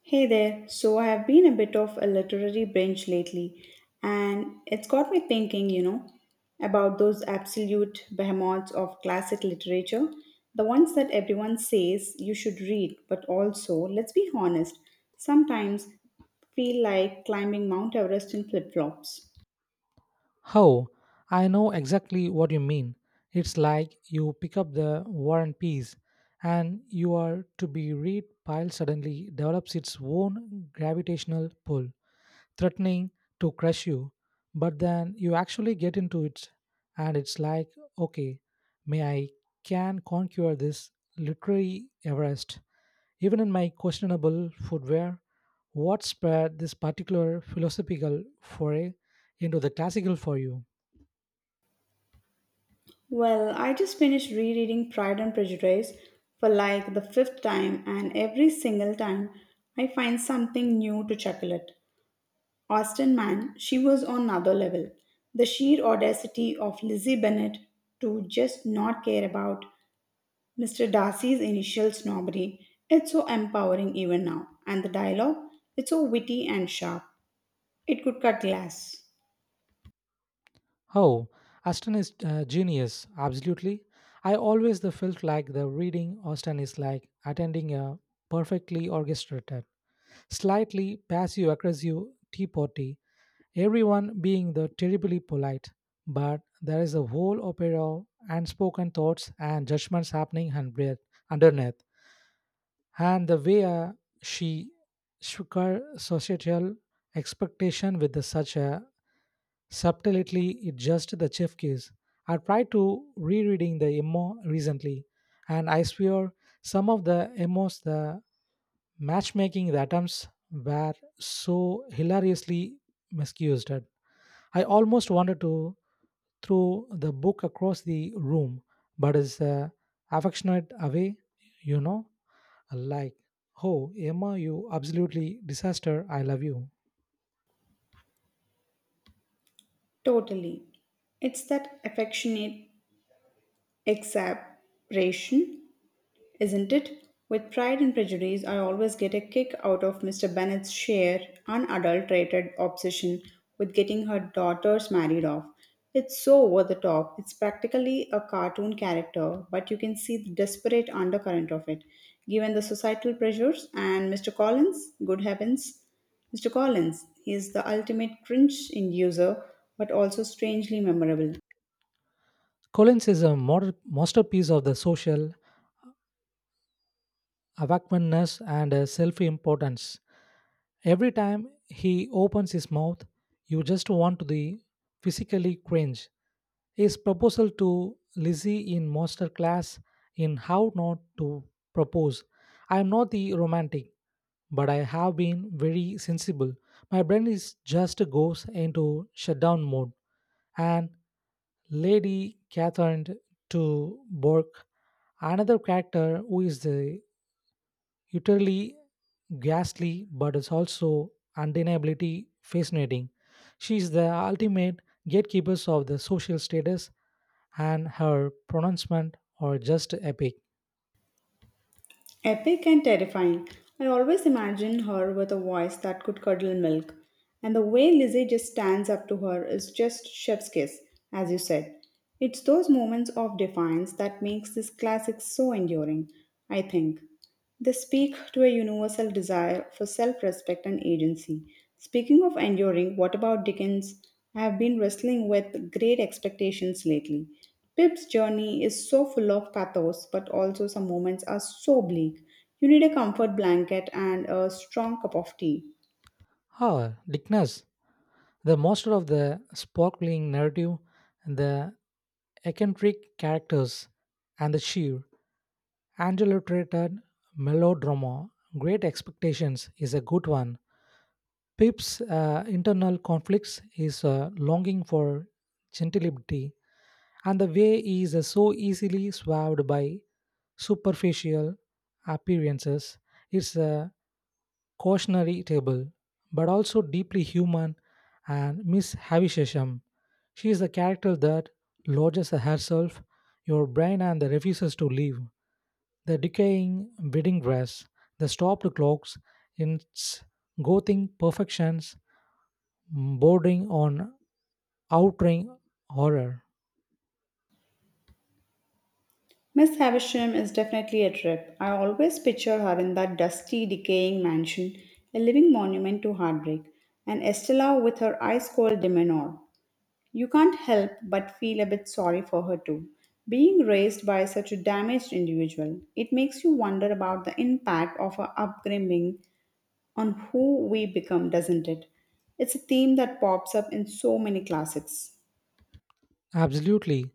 Hey there. So I have been a bit of a literary binge lately, and it's got me thinking, about those absolute behemoths of classic literature, the ones that everyone says you should read, but also, let's be honest, sometimes feel like climbing Mount Everest in flip-flops. Oh, I know exactly what you mean. It's like you pick up the War and Peace, and you are to be read pile suddenly develops its own gravitational pull, threatening to crush you. But then you actually get into it, and it's like, okay, may I can conquer this literary Everest, even in my questionable footwear. What spread this particular philosophical foray into the classical for you? Well, I just finished rereading Pride and Prejudice for like the fifth time, and every single time I find something new to chuckle at. Austin Man, she was on another level. The sheer audacity of Lizzie Bennett to just not care about Mr. Darcy's initial snobbery, it's so empowering even now. And the dialogue, it's so witty and sharp. It could cut glass. Oh, Aston is genius, absolutely. I always the felt like the reading Austin is like attending a perfectly orchestrated, slightly passive-aggressive tea party, everyone being the terribly polite, but there is a whole opera and spoken thoughts and judgments happening and breath underneath, and the way she shook her societal expectation with the such a subtlety it just the chef case. I tried to rereading the MO recently, and I swear some of the MOs, the matchmaking the attempts were so hilariously misused. I almost wanted to throw the book across the room, but it's a affectionate away, you know, like, oh, Emma, you absolutely disaster, I love you. Totally. It's that affectionate exasperation isn't it? With Pride and Prejudice, I always get a kick out of Mr. Bennet's sheer, unadulterated obsession with getting her daughters married off. It's so over the top. It's practically a cartoon character, but you can see the desperate undercurrent of it. Given the societal pressures and Mr. Collins, good heavens, Mr. Collins, he is the ultimate cringe inducer, but also strangely memorable. Collins is a modern masterpiece of the social awakeness and self importance. Every time he opens his mouth, you just want to the physically cringe. His proposal to Lizzie in master class in how not to propose. I am not the romantic, but I have been very sensible. My brain is just goes into shutdown mode. And Lady Catherine to Bork, another character who is the utterly ghastly, but it's also undeniably fascinating. She is the ultimate gatekeepers of the social status, and her pronouncement are just epic. Epic and terrifying. I always imagine her with a voice that could curdle milk. And the way Lizzie just stands up to her is just chef's kiss, as you said. It's those moments of defiance that makes this classic so enduring, I think. They speak to a universal desire for self respect and agency. Speaking of enduring, what about Dickens? I have been wrestling with great expectations lately. Pip's journey is so full of pathos, but also some moments are so bleak. You need a comfort blanket and a strong cup of tea. Ah, Dickness. The master of the sparkling narrative, the eccentric characters, and the sheer, adulterated melodrama, Great Expectations is a good one. Pip's internal conflicts, his longing for gentility, and the way he is so easily swayed by superficial appearances. It's a cautionary table, but also deeply human, and Miss Havisham. She is the character that lodges herself, your brain, and that refuses to leave. The decaying wedding dress, the stopped clocks, its gothing perfections, bordering on outraging horror. Miss Havisham is definitely a trip. I always picture her in that dusty, decaying mansion, a living monument to heartbreak, and Estella with her ice cold demeanor. You can't help but feel a bit sorry for her too. Being raised by such a damaged individual, it makes you wonder about the impact of our upbringing on who we become, doesn't it? It's a theme that pops up in so many classics. Absolutely,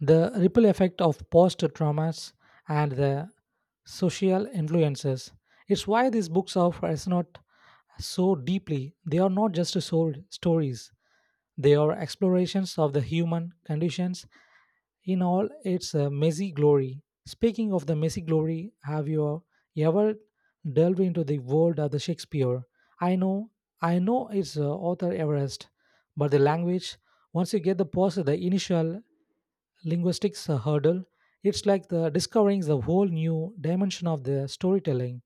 the ripple effect of post traumas and the social influences. It's why these books are resonate so deeply. They are not just sold stories, they are explorations of the human conditions in all its messy glory. Speaking of the messy glory, have you ever delved into the world of the Shakespeare? I know, I know it's author Everest, but the language, once you get the past the initial linguistics hurdle. It's like the discovering the whole new dimension of the storytelling.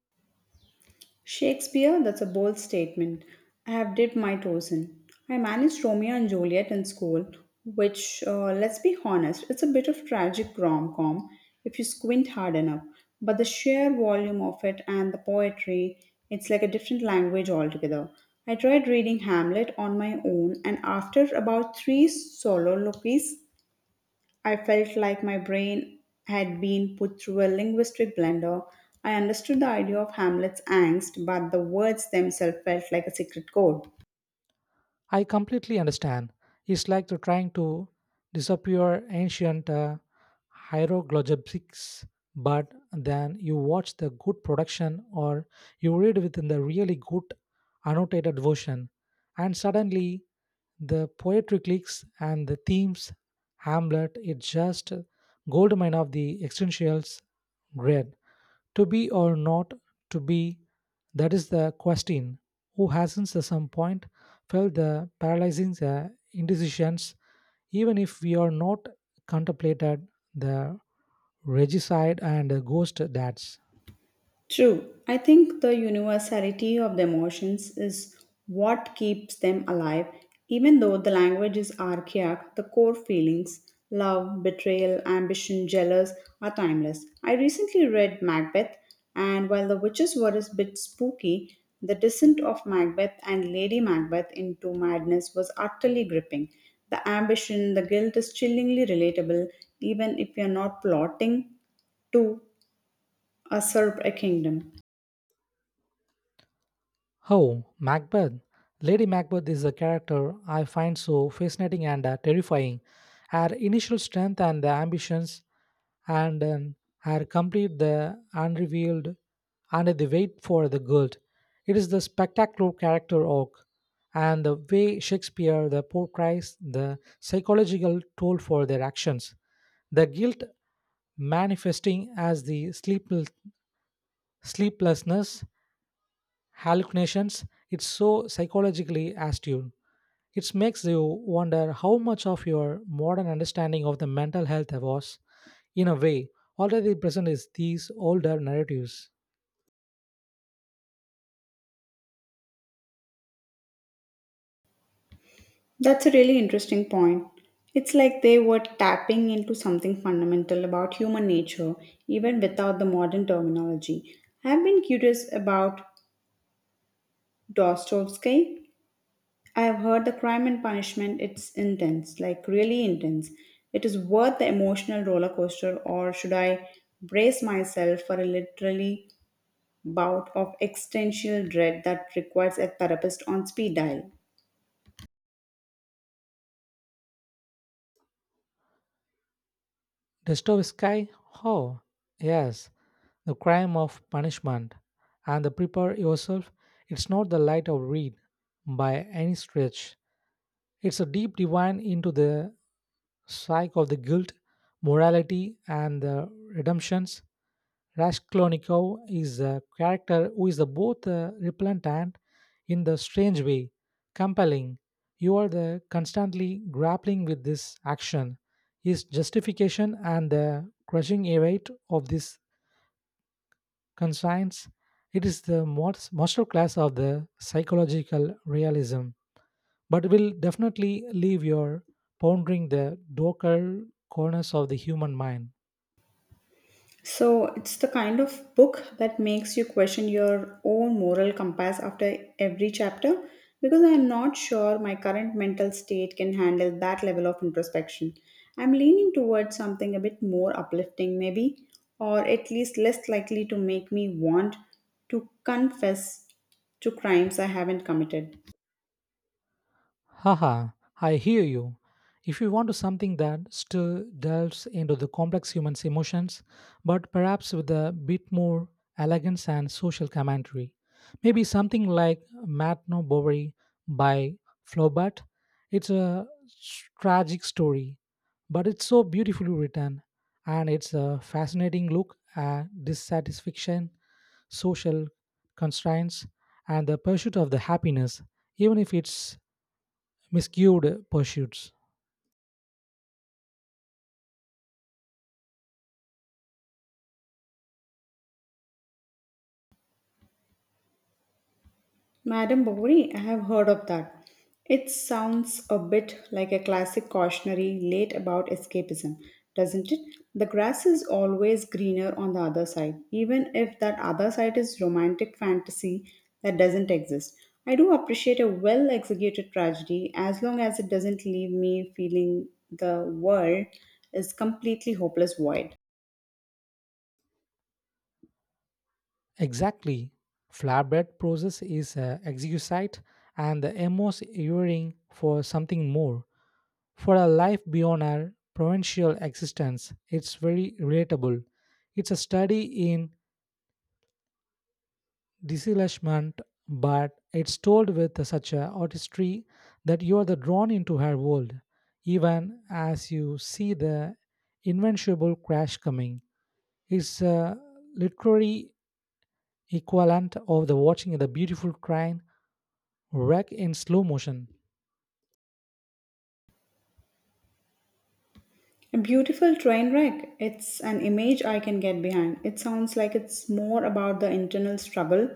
Shakespeare, that's a bold statement. I have dipped my toes in. I managed Romeo and Juliet in school, which, let's be honest, it's a bit of tragic rom com if you squint hard enough. But the sheer volume of it and the poetry, it's like a different language altogether. I tried reading Hamlet on my own, and after about three soliloquies, I felt like my brain had been put through a linguistic blender. I understood the idea of Hamlet's angst, but the words themselves felt like a secret code. I completely understand. It's like the trying to disappear ancient hieroglyphics, but then you watch the good production or you read within the really good annotated version, and suddenly the poetry clicks and the themes. Hamlet, it's just goldmine of the existentials great. To be or not to be, that is the question. Who hasn't at some point felt the paralyzing indecisions, even if we are not contemplated the regicide and the ghost dads? True. I think the universality of the emotions is what keeps them alive. Even though the language is archaic, the core feelings love, betrayal, ambition, jealous are timeless. I recently read Macbeth, and while the witches were a bit spooky, the descent of Macbeth and Lady Macbeth into madness was utterly gripping. The ambition, the guilt is chillingly relatable, even if you're not plotting to usurp a kingdom. Oh, Macbeth. Lady Macbeth is a character I find so fascinating and terrifying. Her initial strength and the ambitions and are complete the unrevealed and they wait for the gold. It is the spectacular character arc and the way Shakespeare the portrays the psychological toll for their actions. The guilt manifesting as the sleepless, sleeplessness, hallucinations, it's so psychologically astute. It makes you wonder how much of your modern understanding of the mental health was in a way, already present is these older narratives. That's a really interesting point. It's like they were tapping into something fundamental about human nature, even without the modern terminology. I've been curious about Dostoevsky. I've heard the crime and punishment, it's intense, like really intense. It is worth the emotional roller coaster, or should I brace myself for a literally bout of existential dread that requires a therapist on speed dial? Dostoevsky, oh, yes, the crime of punishment, and the prepare yourself. It's not the light of read by any stretch. It's a deep divine into the strike of the guilt, morality and the redemptions. Raskolnikov is a character who is both repellent and, in the strange way, compelling. You are the constantly grappling with this action, his justification, and the crushing weight of this conscience. It is the most masterclass of the psychological realism but will definitely leave your pondering the darker corners of the human mind. So it's the kind of book that makes you question your own moral compass after every chapter because I'm not sure my current mental state can handle that level of introspection. I'm leaning towards something a bit more uplifting, maybe, or at least less likely to make me want to confess to crimes I haven't committed. Haha, I hear you. If you want to something that still delves into the complex human's emotions, but perhaps with a bit more elegance and social commentary, maybe something like Matno Bovary by Flaubert. It's a tragic story, but it's so beautifully written, and it's a fascinating look at dissatisfaction social constraints, and the pursuit of the happiness, even if it's miscued pursuits. Madam Bovary, I have heard of that. It sounds a bit like a classic cautionary late about escapism, doesn't it? The grass is always greener on the other side, even if that other side is romantic fantasy that doesn't exist. I do appreciate a well executed tragedy as long as it doesn't leave me feeling the world is completely hopeless void. Exactly. Flatbread process is a exquisite and the emos yearning for something more, for a life beyond our provincial existence. It's very relatable. It's a study in disillusionment, but it's told with such a artistry that you are the drawn into her world, even as you see the invincible crash coming. It's a literary equivalent of the watching the beautiful train wreck in slow motion. A beautiful train wreck. It's an image I can get behind. It sounds like it's more about the internal struggle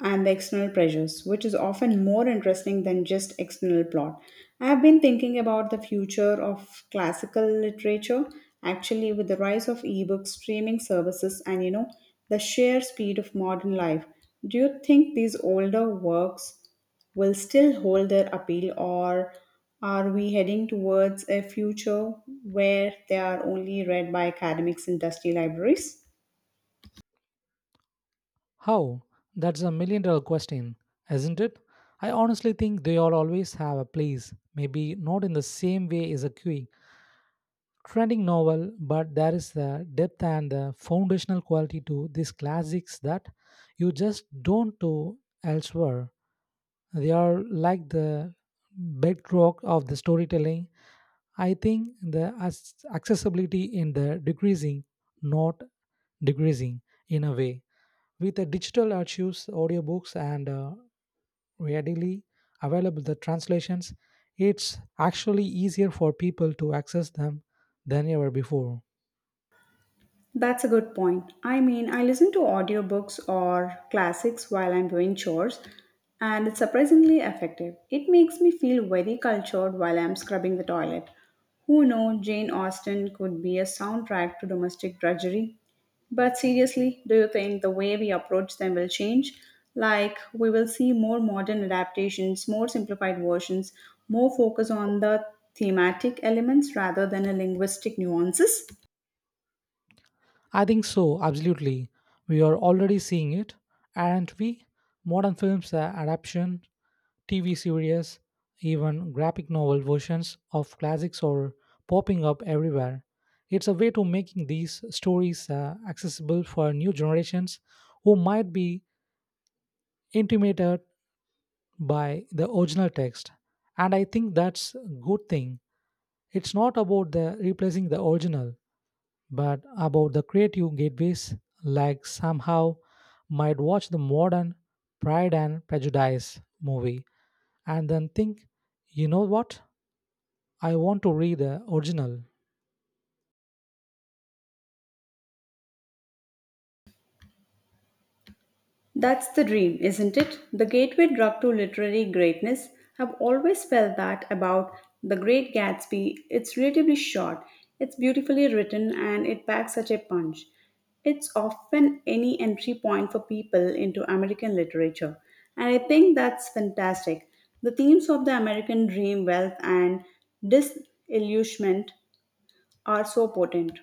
and the external pressures, which is often more interesting than just external plot. I have been thinking about the future of classical literature actually with the rise of ebooks, streaming services, and the sheer speed of modern life. Do you think these older works will still hold their appeal, or are we heading towards a future where they are only read by academics and dusty libraries? How? That's $1 million question, isn't it? I honestly think they all always have a place, maybe not in the same way as a queue trending novel, but there is the depth and the foundational quality to these classics that you just don't do elsewhere. They are like the bedrock of the storytelling. I think the accessibility in the decreasing, not decreasing in a way. With the digital archives, audiobooks, and readily available the translations, it's actually easier for people to access them than ever before. That's a good point. I mean, I listen to audiobooks or classics while I'm doing chores, and it's surprisingly effective. It makes me feel very cultured while I'm scrubbing the toilet. Who knows, Jane Austen could be a soundtrack to domestic drudgery. But seriously, do you think the way we approach them will change? Like, we will see more modern adaptations, more simplified versions, more focus on the thematic elements rather than the linguistic nuances? I think so, absolutely. We are already seeing it, and we modern films, adaptation, TV series, even graphic novel versions of classics are popping up everywhere. It's a way to making these stories accessible for new generations who might be intimidated by the original text. And I think that's a good thing. It's not about the replacing the original, but about the creative gateways like somehow might watch the modern pride and prejudice movie and then think you know what I want to read the original That's the dream, isn't it? The gateway drug to literary greatness. I've always felt that about The Great Gatsby. It's relatively short, it's beautifully written, and it packs such a punch. It's often any entry point for people into American literature, and I think that's fantastic. The themes of the American dream, wealth, and disillusionment are so potent.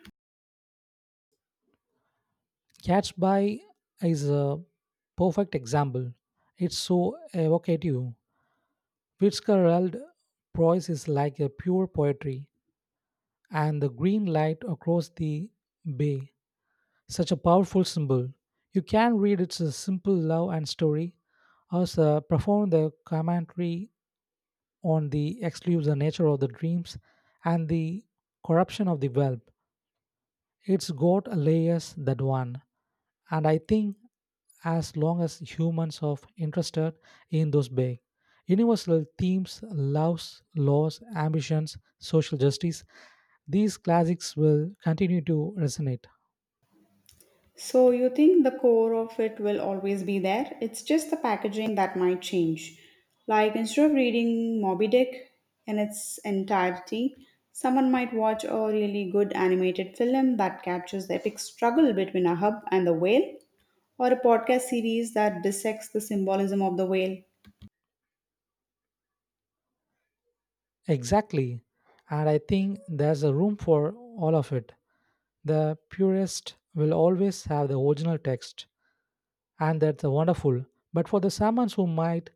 catch by is a perfect example it's so evocative fitzgerald prose is like a pure poetry and the green light across the bay such a powerful symbol. You can read its simple love and story, as perform the commentary on the exclusive nature of the dreams and the corruption of the web. It's got layers that one, and I think as long as humans are interested in those big universal themes, loves, laws, ambitions, social justice, these classics will continue to resonate. So you think the core of it will always be there? It's just the packaging that might change. Like instead of reading Moby Dick in its entirety, someone might watch a really good animated film that captures the epic struggle between Ahab and the whale, or a podcast series that dissects the symbolism of the whale. Exactly. And I think there's a room for all of it. The purist will always have the original text, and that's wonderful. But for the someone who might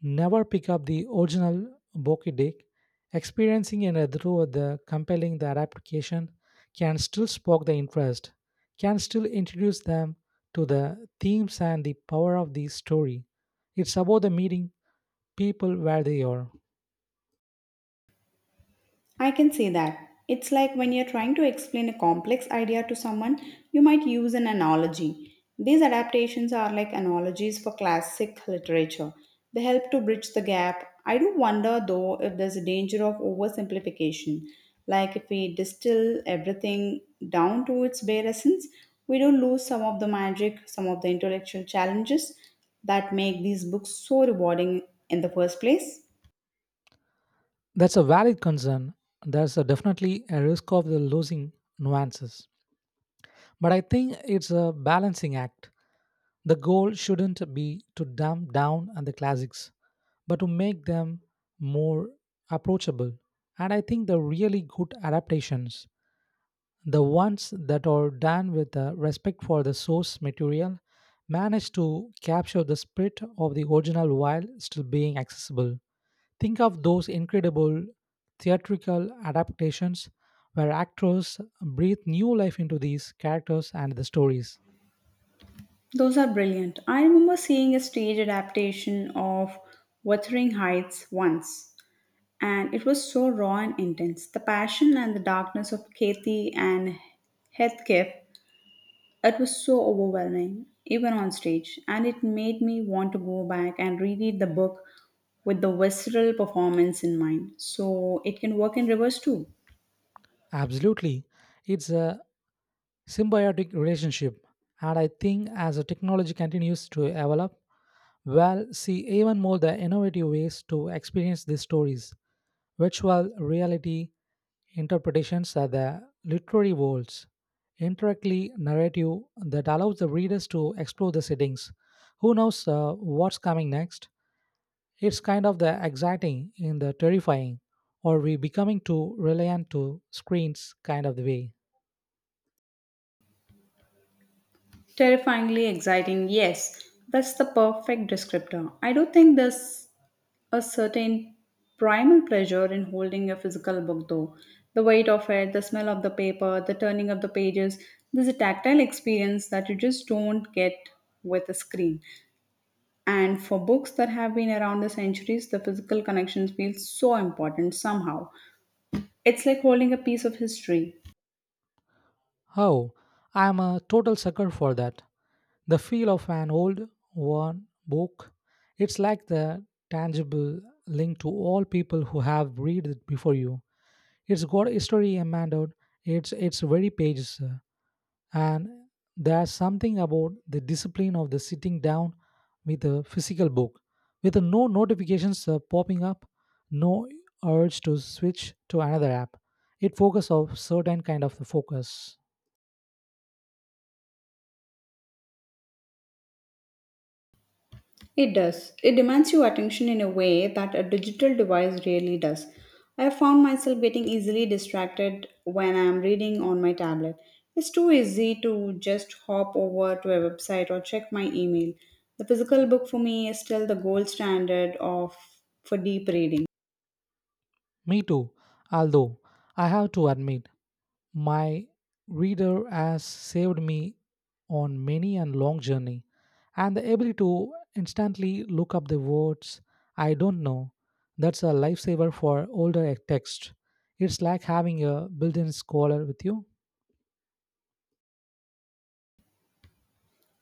never pick up the original Boki Dick, experiencing it through the compelling the adaptation can still spark the interest, can still introduce them to the themes and the power of the story. It's about the meeting people where they are. I can see that. It's like when you're trying to explain a complex idea to someone, you might use an analogy. These adaptations are like analogies for classic literature. They help to bridge the gap. I do wonder though if there's a danger of oversimplification. Like if we distill everything down to its bare essence, we do lose some of the magic, some of the intellectual challenges that make these books so rewarding in the first place. That's a valid concern. There's a definitely a risk of the losing nuances. But I think it's a balancing act. The goal shouldn't be to dumb down on the classics, but to make them more approachable. And I think the really good adaptations, the ones that are done with a respect for the source material, manage to capture the spirit of the original while still being accessible. Think of those incredible theatrical adaptations where actors breathe new life into these characters and the stories. Those are brilliant. I remember seeing a stage adaptation of Wuthering Heights once, and it was so raw and intense. The passion and the darkness of Kathy and Heathcliff, it was so overwhelming, even on stage, and it made me want to go back and reread the book with the visceral performance in mind. So it can work in reverse too. Absolutely. It's a symbiotic relationship. And I think as the technology continues to develop, we'll see even more the innovative ways to experience these stories. Virtual reality, interpretations are the literary worlds, indirectly narrative that allows the readers to explore the settings. Who knows what's coming next? It's kind of the exciting in the terrifying, or we becoming too reliant to screens kind of the way. Terrifyingly exciting, yes. That's the perfect descriptor. I do think this a certain primal pleasure in holding a physical book, though. The weight of it, the smell of the paper, the turning of the pages. There's a tactile experience that you just don't get with a screen. And for books that have been around the centuries, the physical connections feel so important somehow. It's like holding a piece of history. Oh, I'm a total sucker for that. The feel of an old, worn book. It's like the tangible link to all people who have read it before you. It's got a story, Amanda. It's very pages, and there's something about the discipline of the sitting down with a physical book, with no notifications popping up, no urge to switch to another app. It focus of certain kind of focus. It does. It demands your attention in a way that a digital device rarely does. I have found myself getting easily distracted when I am reading on my tablet. It's too easy to just hop over to a website or check my email. The physical book for me is still the gold standard of for deep reading. Me too. Although I have to admit, my reader has saved me on many and long journey, and the ability to instantly look up the words I don't know, that's a lifesaver for older text. It's like having a built in scholar with you.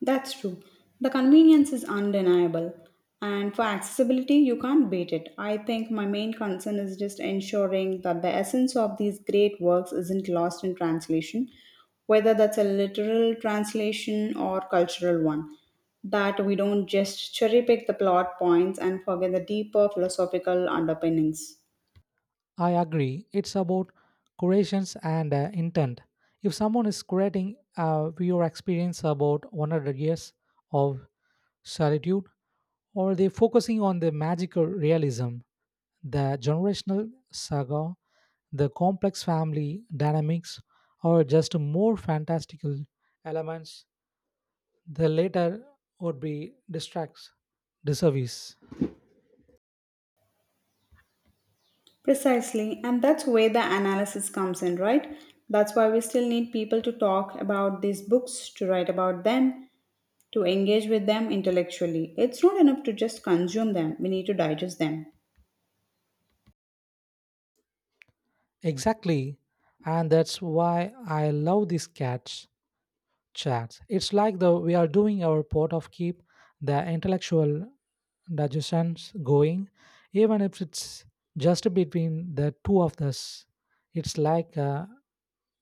That's true. The convenience is undeniable. And for accessibility, you can't beat it. I think my main concern is just ensuring that the essence of these great works isn't lost in translation, whether that's a literal translation or cultural one. That we don't just cherry pick the plot points and forget the deeper philosophical underpinnings. I agree. It's about curations and intent. If someone is curating your experience about 100 years of solitude, or they focusing on the magical realism, the generational saga, the complex family dynamics, or just more fantastical elements? The latter would be distracts, disservice. Precisely, and that's where the analysis comes in, right? That's why we still need people to talk about these books, to write about them, to engage with them intellectually. It's not enough to just consume them, we need to digest them. Exactly, and that's why I love these catch chats. It's like the we are doing our part of keep the intellectual discussions going, even if it's just between the two of us. It's like a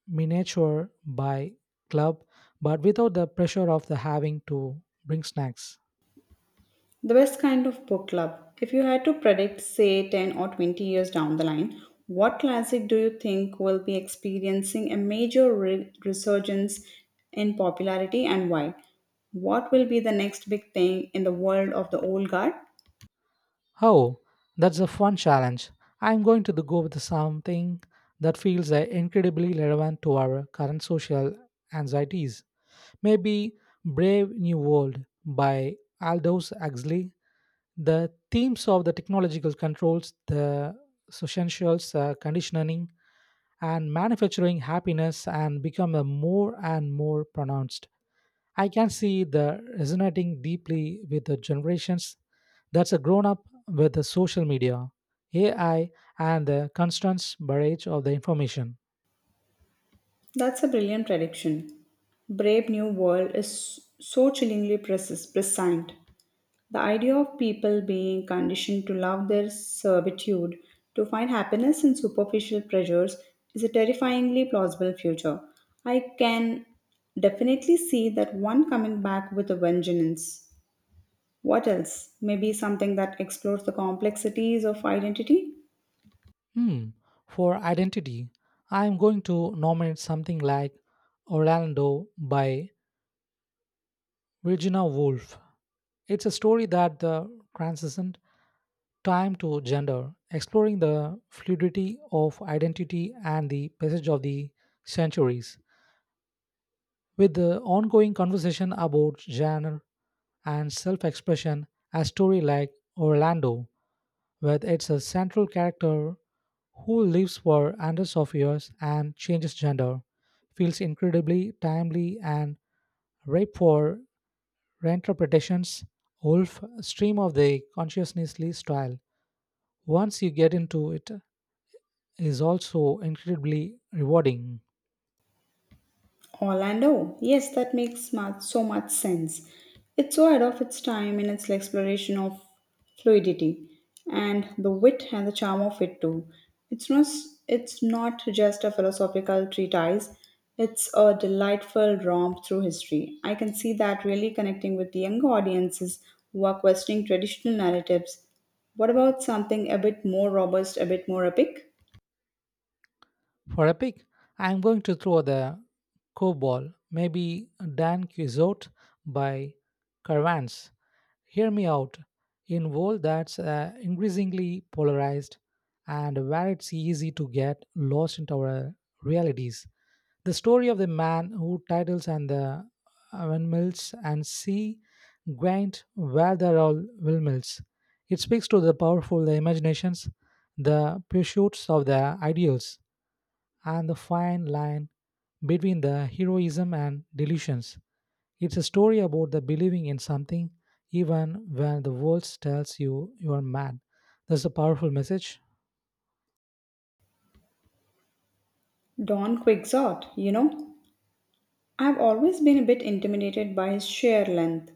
miniature by club, but without the pressure of the having to bring snacks. The best kind of book club. If you had to predict, say, 10 or 20 years down the line, what classic do you think will be experiencing a major resurgence in popularity and why? What will be the next big thing in the world of the old guard? Oh, that's a fun challenge. I'm going go with something that feels incredibly relevant to our current social anxieties. Maybe Brave New World by Aldous Huxley the themes of the technological controls, the socientials, conditioning, and manufacturing happiness and become a more and more pronounced. I can see the resonating deeply with the generations that's a grown up with the social media, AI, and the constant barrage of the information. That's a brilliant prediction. Brave New World is so chillingly prescient. The idea of people being conditioned to love their servitude, to find happiness in superficial pleasures, is a terrifyingly plausible future. I can definitely see that one coming back with a vengeance. What else? Maybe something that explores the complexities of identity? Hmm. For identity, I am going to nominate something like Orlando by Virginia Woolf. It's a story that the transcends time to gender, exploring the fluidity of identity and the passage of the centuries. With the ongoing conversation about genre and self expression, a story like Orlando, where it's a central character who lives for hundreds of years and changes gender, feels incredibly timely and ripe for reinterpretations. Wolf stream of the consciousnessly style. Once you get into it is also incredibly rewarding. Orlando. Yes, that makes smart, so much sense. It's so ahead of its time in its exploration of fluidity and the wit and the charm of it too. It's not, it's not just a philosophical treatise. It's a delightful romp through history. I can see that really connecting with the younger audiences who are questioning traditional narratives. What about something a bit more robust, a bit more epic? For a pick, I am going to throw the COBOL, maybe Dan Quixote by Caravans. Hear me out. In world that's increasingly polarized and where it's easy to get lost into our realities, the story of the man who titles and the windmills and sea grant where there are windmills. It speaks to the powerful imaginations, the pursuits of the ideals, and the fine line between the heroism and delusions. It's a story about the believing in something even when the world tells you you are mad. That's a powerful message. Don Quixote, you know, I've always been a bit intimidated by his sheer length,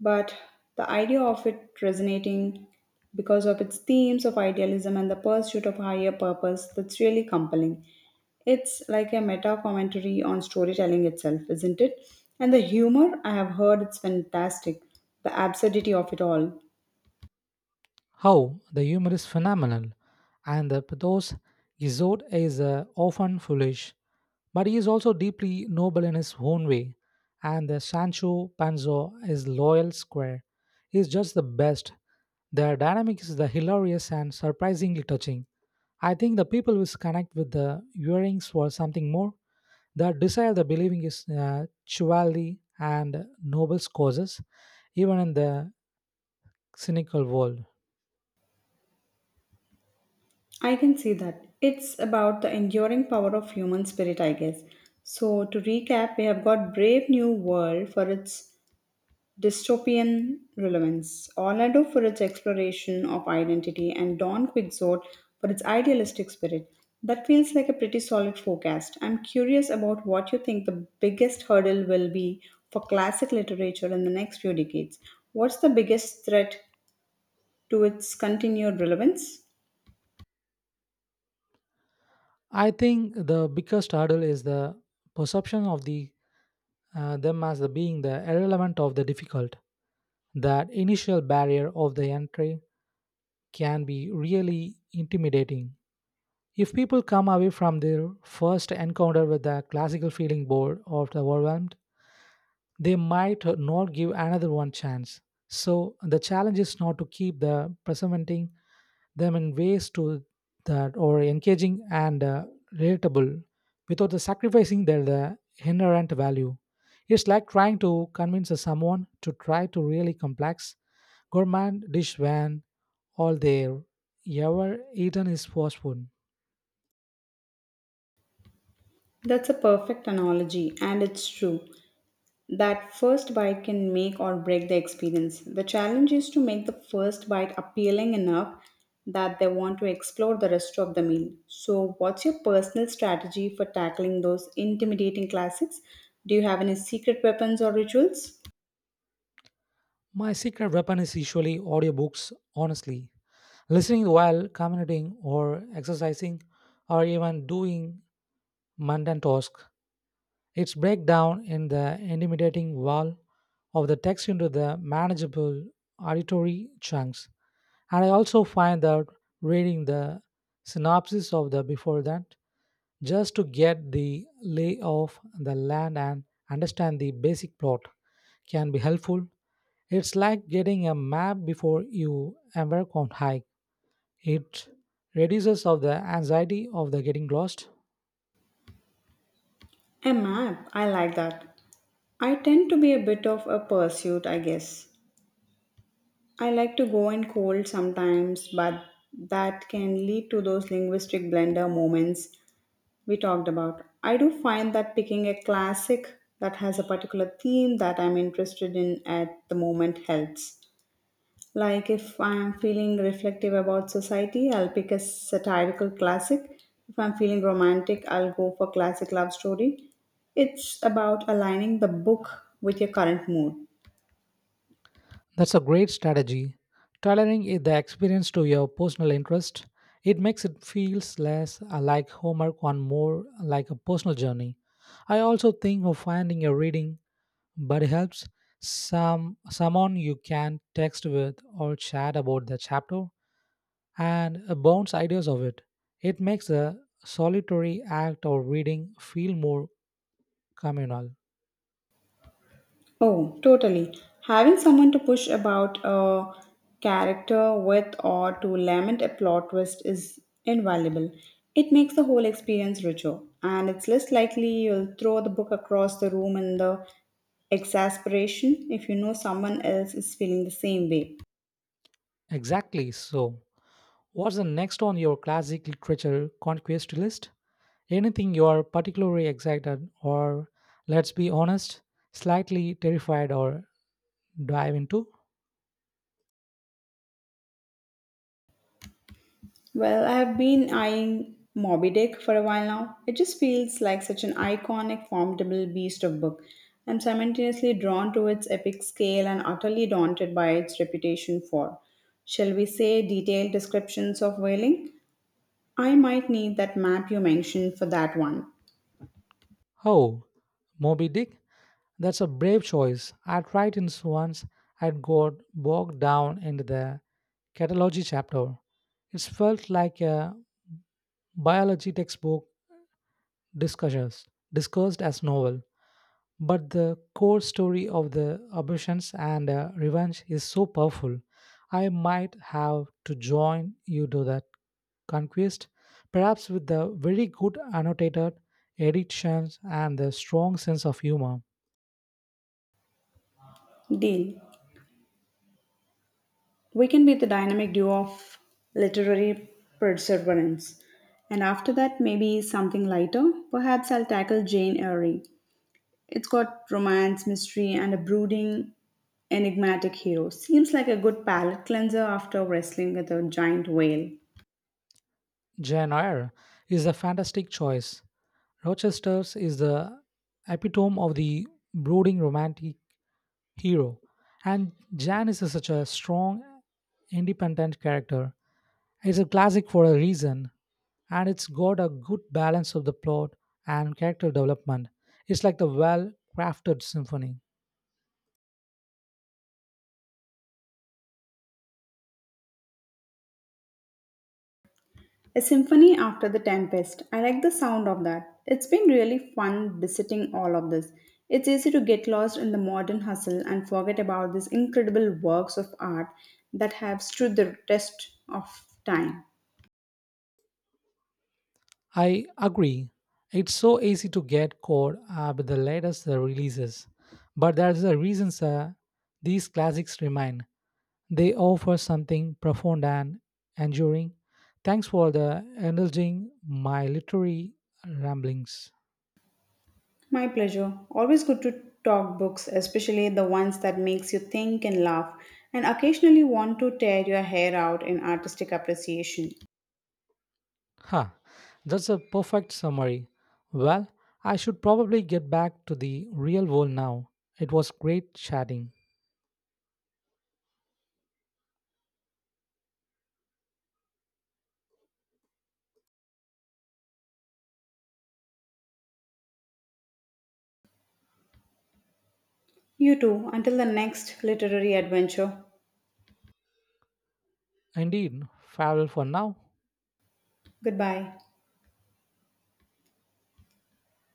but the idea of it resonating because of its themes of idealism and the pursuit of higher purpose that's really compelling. It's like a meta commentary on storytelling itself, isn't it? And the humor, I have heard it's fantastic, the absurdity of it all. How the humor is phenomenal, and the pathos Isolde is often foolish, but he is also deeply noble in his own way. And the Sancho Panza is loyal square. He is just the best. Their dynamic is the hilarious and surprisingly touching. I think the people will connect with the earrings for something more. That desire, the believing is chivalry and noble causes, even in the cynical world. I can see that. It's about the enduring power of human spirit, I guess. So, to recap, we have got Brave New World for its dystopian relevance. Orlando for its exploration of identity and Don Quixote for its idealistic spirit. That feels like a pretty solid forecast. I'm curious about what you think the biggest hurdle will be for classic literature in the next few decades. What's the biggest threat to its continued relevance? I think the biggest hurdle is the perception of the them as the being the irrelevant of the difficult. That initial barrier of the entry can be really intimidating. If people come away from their first encounter with the classical feeling bored or overwhelmed, they might not give another one chance. So the challenge is not to keep the presenting them in ways to that or engaging and relatable without the sacrificing their the inherent value. It's like trying to convince someone to try to really complex gourmand dish when all they ever eaten is fast food. That's a perfect analogy, and it's true. That first bite can make or break the experience. The challenge is to make the first bite appealing enough that they want to explore the rest of the meal. So, what's your personal strategy for tackling those intimidating classics? Do you have any secret weapons or rituals? My secret weapon is usually audiobooks, honestly. Listening while commuting or exercising or even doing mundane tasks, it's break down in the intimidating wall of the text into the manageable auditory chunks. And I also find that reading the synopsis of the before that just to get the lay of the land and understand the basic plot can be helpful. It's like getting a map before you embark on hike. It reduces of the anxiety of the getting lost. A map, I like that. I tend to be a bit of a pursuit, I guess. I like to go in cold sometimes, but that can lead to those linguistic blender moments we talked about. I do find that picking a classic that has a particular theme that I'm interested in at the moment helps. Like if I'm feeling reflective about society, I'll pick a satirical classic. If I'm feeling romantic, I'll go for classic love story. It's about aligning the book with your current mood. That's a great strategy. Tailoring the experience to your personal interest, it makes it feels less like homework and more like a personal journey. I also think of finding a reading buddy helps someone you can text with or chat about the chapter and bounce ideas of it. It makes the solitary act of reading feel more communal. Oh, totally. Having someone to push about a character with or to lament a plot twist is invaluable. It makes the whole experience richer, and it's less likely you'll throw the book across the room in the exasperation if you know someone else is feeling the same way. Exactly so. What's the next on your classic literature conquest list? Anything you're particularly excited or, let's be honest, slightly terrified or dive into? Well, I have been eyeing Moby Dick for a while now. It just feels like such an iconic, formidable beast of book. I'm simultaneously drawn to its epic scale and utterly daunted by its reputation for, shall we say, detailed descriptions of whaling. I might need that map you mentioned for that one. Oh, Moby Dick? That's a brave choice. I tried it once. I got bogged down in the catalogy chapter. It felt like a biology textbook discussions, discussed as novel. But the core story of the abortions and revenge is so powerful. I might have to join you to that conquest, perhaps with the very good annotated editions and the strong sense of humor. Deal. We can be the dynamic duo of literary perseverance. And after that, maybe something lighter. Perhaps I'll tackle Jane Eyre. It's got romance, mystery, and a brooding, enigmatic hero. Seems like a good palate cleanser after wrestling with a giant whale. Jane Eyre is a fantastic choice. Rochester's is the epitome of the brooding romantic hero, and Jan is such a strong, independent character. It's a classic for a reason. And it's got a good balance of the plot and character development. It's like the well crafted symphony. A symphony after the tempest. I like the sound of that. It's been really fun visiting all of this. It's easy to get lost in the modern hustle and forget about these incredible works of art that have stood the test of time. I agree. It's so easy to get caught up with the latest releases, but there's a reason sir, these classics remain. They offer something profound and enduring. Thanks for the indulging my literary ramblings. My pleasure. Always good to talk books, especially the ones that makes you think and laugh and occasionally want to tear your hair out in artistic appreciation. Ha, that's a perfect summary. Well, I should probably get back to the real world now. It was great chatting. You too. Until the next literary adventure. Indeed, farewell for now. Goodbye.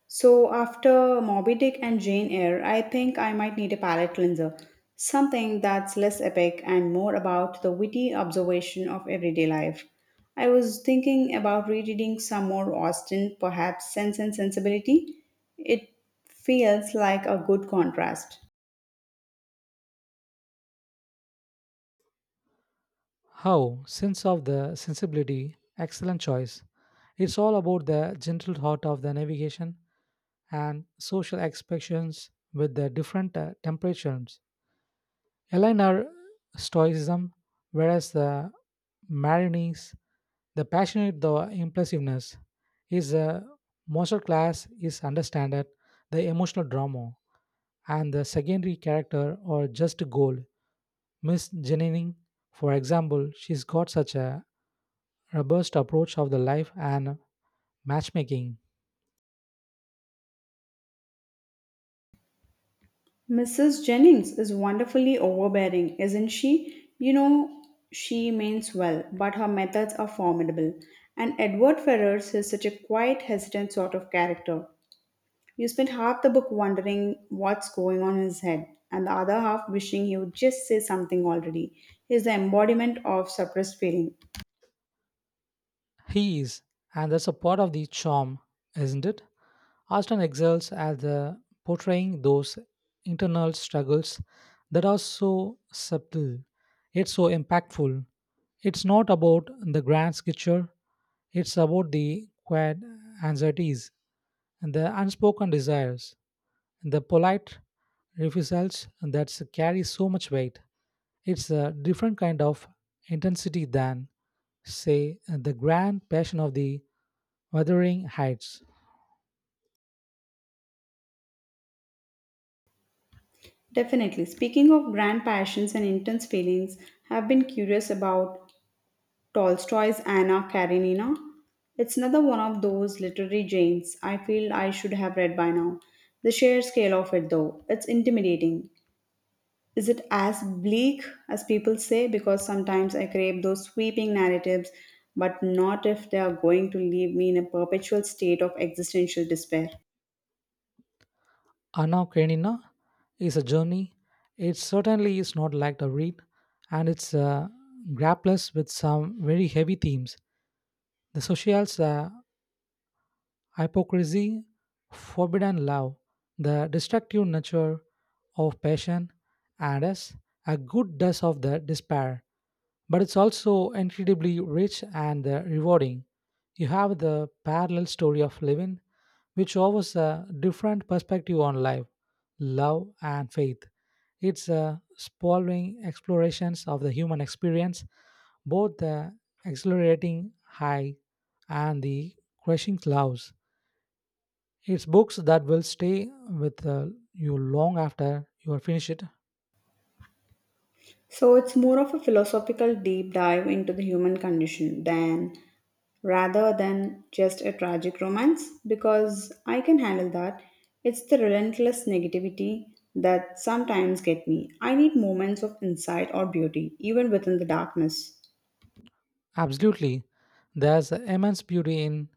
So after Moby Dick and Jane Eyre, I think I might need a palate cleanser. Something that's less epic and more about the witty observation of everyday life. I was thinking about rereading some more Austen, perhaps Sense and Sensibility. It feels like a good contrast. Sense of the sensibility, excellent choice. It's all about the gentle heart of the navigation and social expectations with the different temperatures. Align our stoicism, whereas the marinese the passionate, the impulsiveness is a masterclass is understanded the emotional drama and the secondary character or just goal. Miss Jenining, for example, she's got such a robust approach of the life and matchmaking. Mrs. Jennings is wonderfully overbearing, isn't she? You know, she means well, but her methods are formidable. And Edward Ferrars is such a quiet, hesitant sort of character. You spend half the book wondering what's going on in his head, and the other half wishing he would just say something already. He's the embodiment of suppressed feeling. He is, and that's a part of the charm, isn't it? Austin excels at the portraying those internal struggles that are so subtle, yet so impactful. It's not about the grand picture, it's about the quiet anxieties, and the unspoken desires, and the polite refusals that carry so much weight. It's a different kind of intensity than, say, the grand passion of the Wuthering Heights. Definitely. Speaking of grand passions and intense feelings, I've been curious about Tolstoy's Anna Karenina. It's another one of those literary giants I feel I should have read by now. The sheer scale of it, though, it's intimidating. Is it as bleak as people say? Because sometimes I crave those sweeping narratives, but not if they are going to leave me in a perpetual state of existential despair. Anna Karenina is a journey. It certainly is not like a read, and it's grapples with some very heavy themes. The social's hypocrisy, forbidden love, the destructive nature of passion, and as a good dose of the despair but it's also incredibly rich and rewarding. You have the parallel story of living, which offers a different perspective on life, love, and faith. It's sprawling explorations of the human experience, both the exhilarating high and the crushing lows. It's books that will stay with you long after you are finished, So it's more of a philosophical deep dive into the human condition than rather than just a tragic romance because I can handle that. It's the relentless negativity that sometimes get me. I need moments of insight or beauty, even within the darkness. absolutely. There's immense beauty in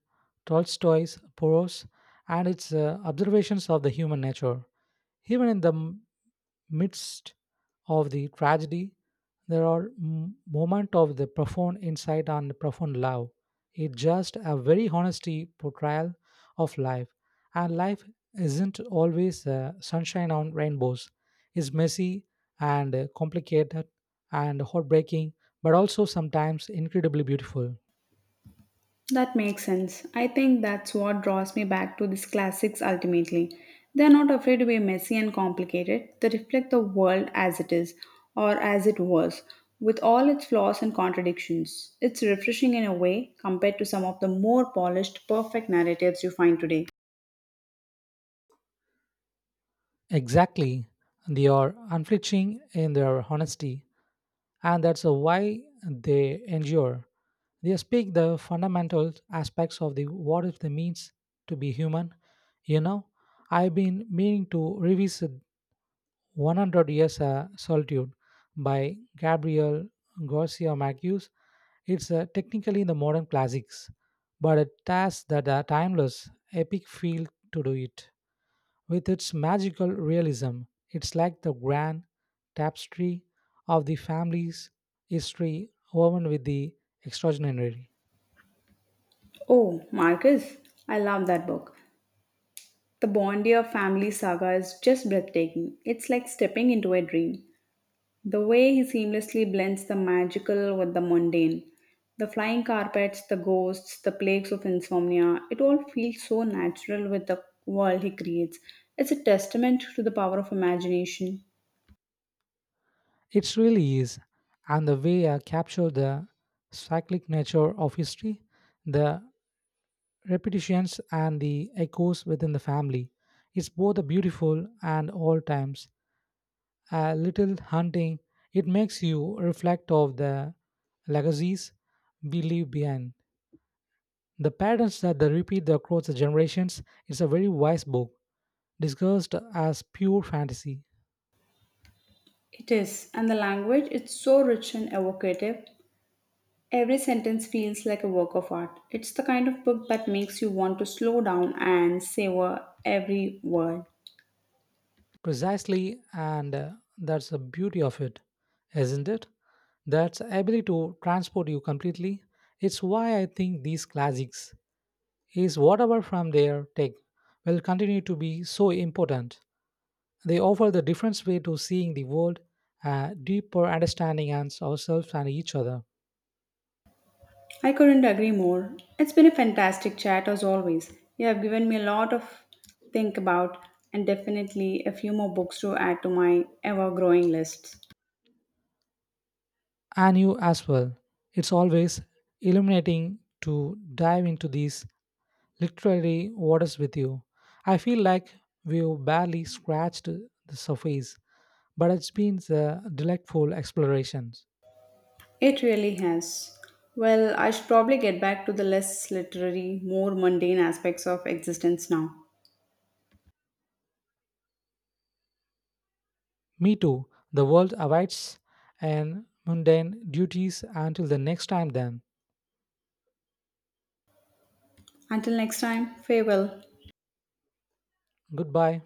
Tolstoy's prose and its observations of the human nature. Even in the midst of the tragedy, there are moments of the profound insight and profound love. It's just a very honesty portrayal of life, and life isn't always sunshine on rainbows. It's messy and complicated and heartbreaking, but also sometimes incredibly beautiful. That makes sense. I think that's what draws me back to these classics ultimately. They're not afraid to be messy and complicated, they reflect the world as it is, or as it was, with all its flaws and contradictions. It's refreshing in a way compared to some of the more polished, perfect narratives you find today. Exactly, they are unflinching in their honesty and that's why they endure. They speak the fundamental aspects of the what it means to be human. You know, I've been meaning to revisit 100 Years a Solitude by Gabriel Garcia Marquez. It's technically the modern classics, but it has that timeless, epic feel to do it. With its magical realism, it's like the grand tapestry of the family's history woven with the extraordinary. Oh, Marcus, I love that book. The Bondier family saga is just breathtaking. It's like stepping into a dream. The way he seamlessly blends the magical with the mundane, the flying carpets, the ghosts, the plagues of insomnia, it all feels so natural with the world he creates. It's a testament to the power of imagination. It really is. And the way I capture the cyclic nature of history, the repetitions and the echoes within the family, it's both a beautiful and all times a little haunting. It makes you reflect of the legacies we leave behind. The patterns that they repeat across the generations is a very wise book, discussed as pure fantasy. It is, and the language, it's so rich and evocative. Every sentence feels like a work of art. It's the kind of book that makes you want to slow down and savor every word. Precisely, and that's the beauty of it, isn't it? That's ability to transport you completely. It's why I think these classics is whatever from their take will continue to be so important. They offer the different way to seeing the world, a deeper understanding and ourselves and each other. I couldn't agree more. It's been a fantastic chat as always. You have given me a lot of think about and definitely a few more books to add to my ever growing list. And you as well. It's always illuminating to dive into these literary waters with you. I feel like we've barely scratched the surface, but it's been a delightful exploration. It really has. Well, I should probably get back to the less literary, more mundane aspects of existence now. Me too. The world awaits and mundane duties until the next time then. Until next time, farewell. Goodbye.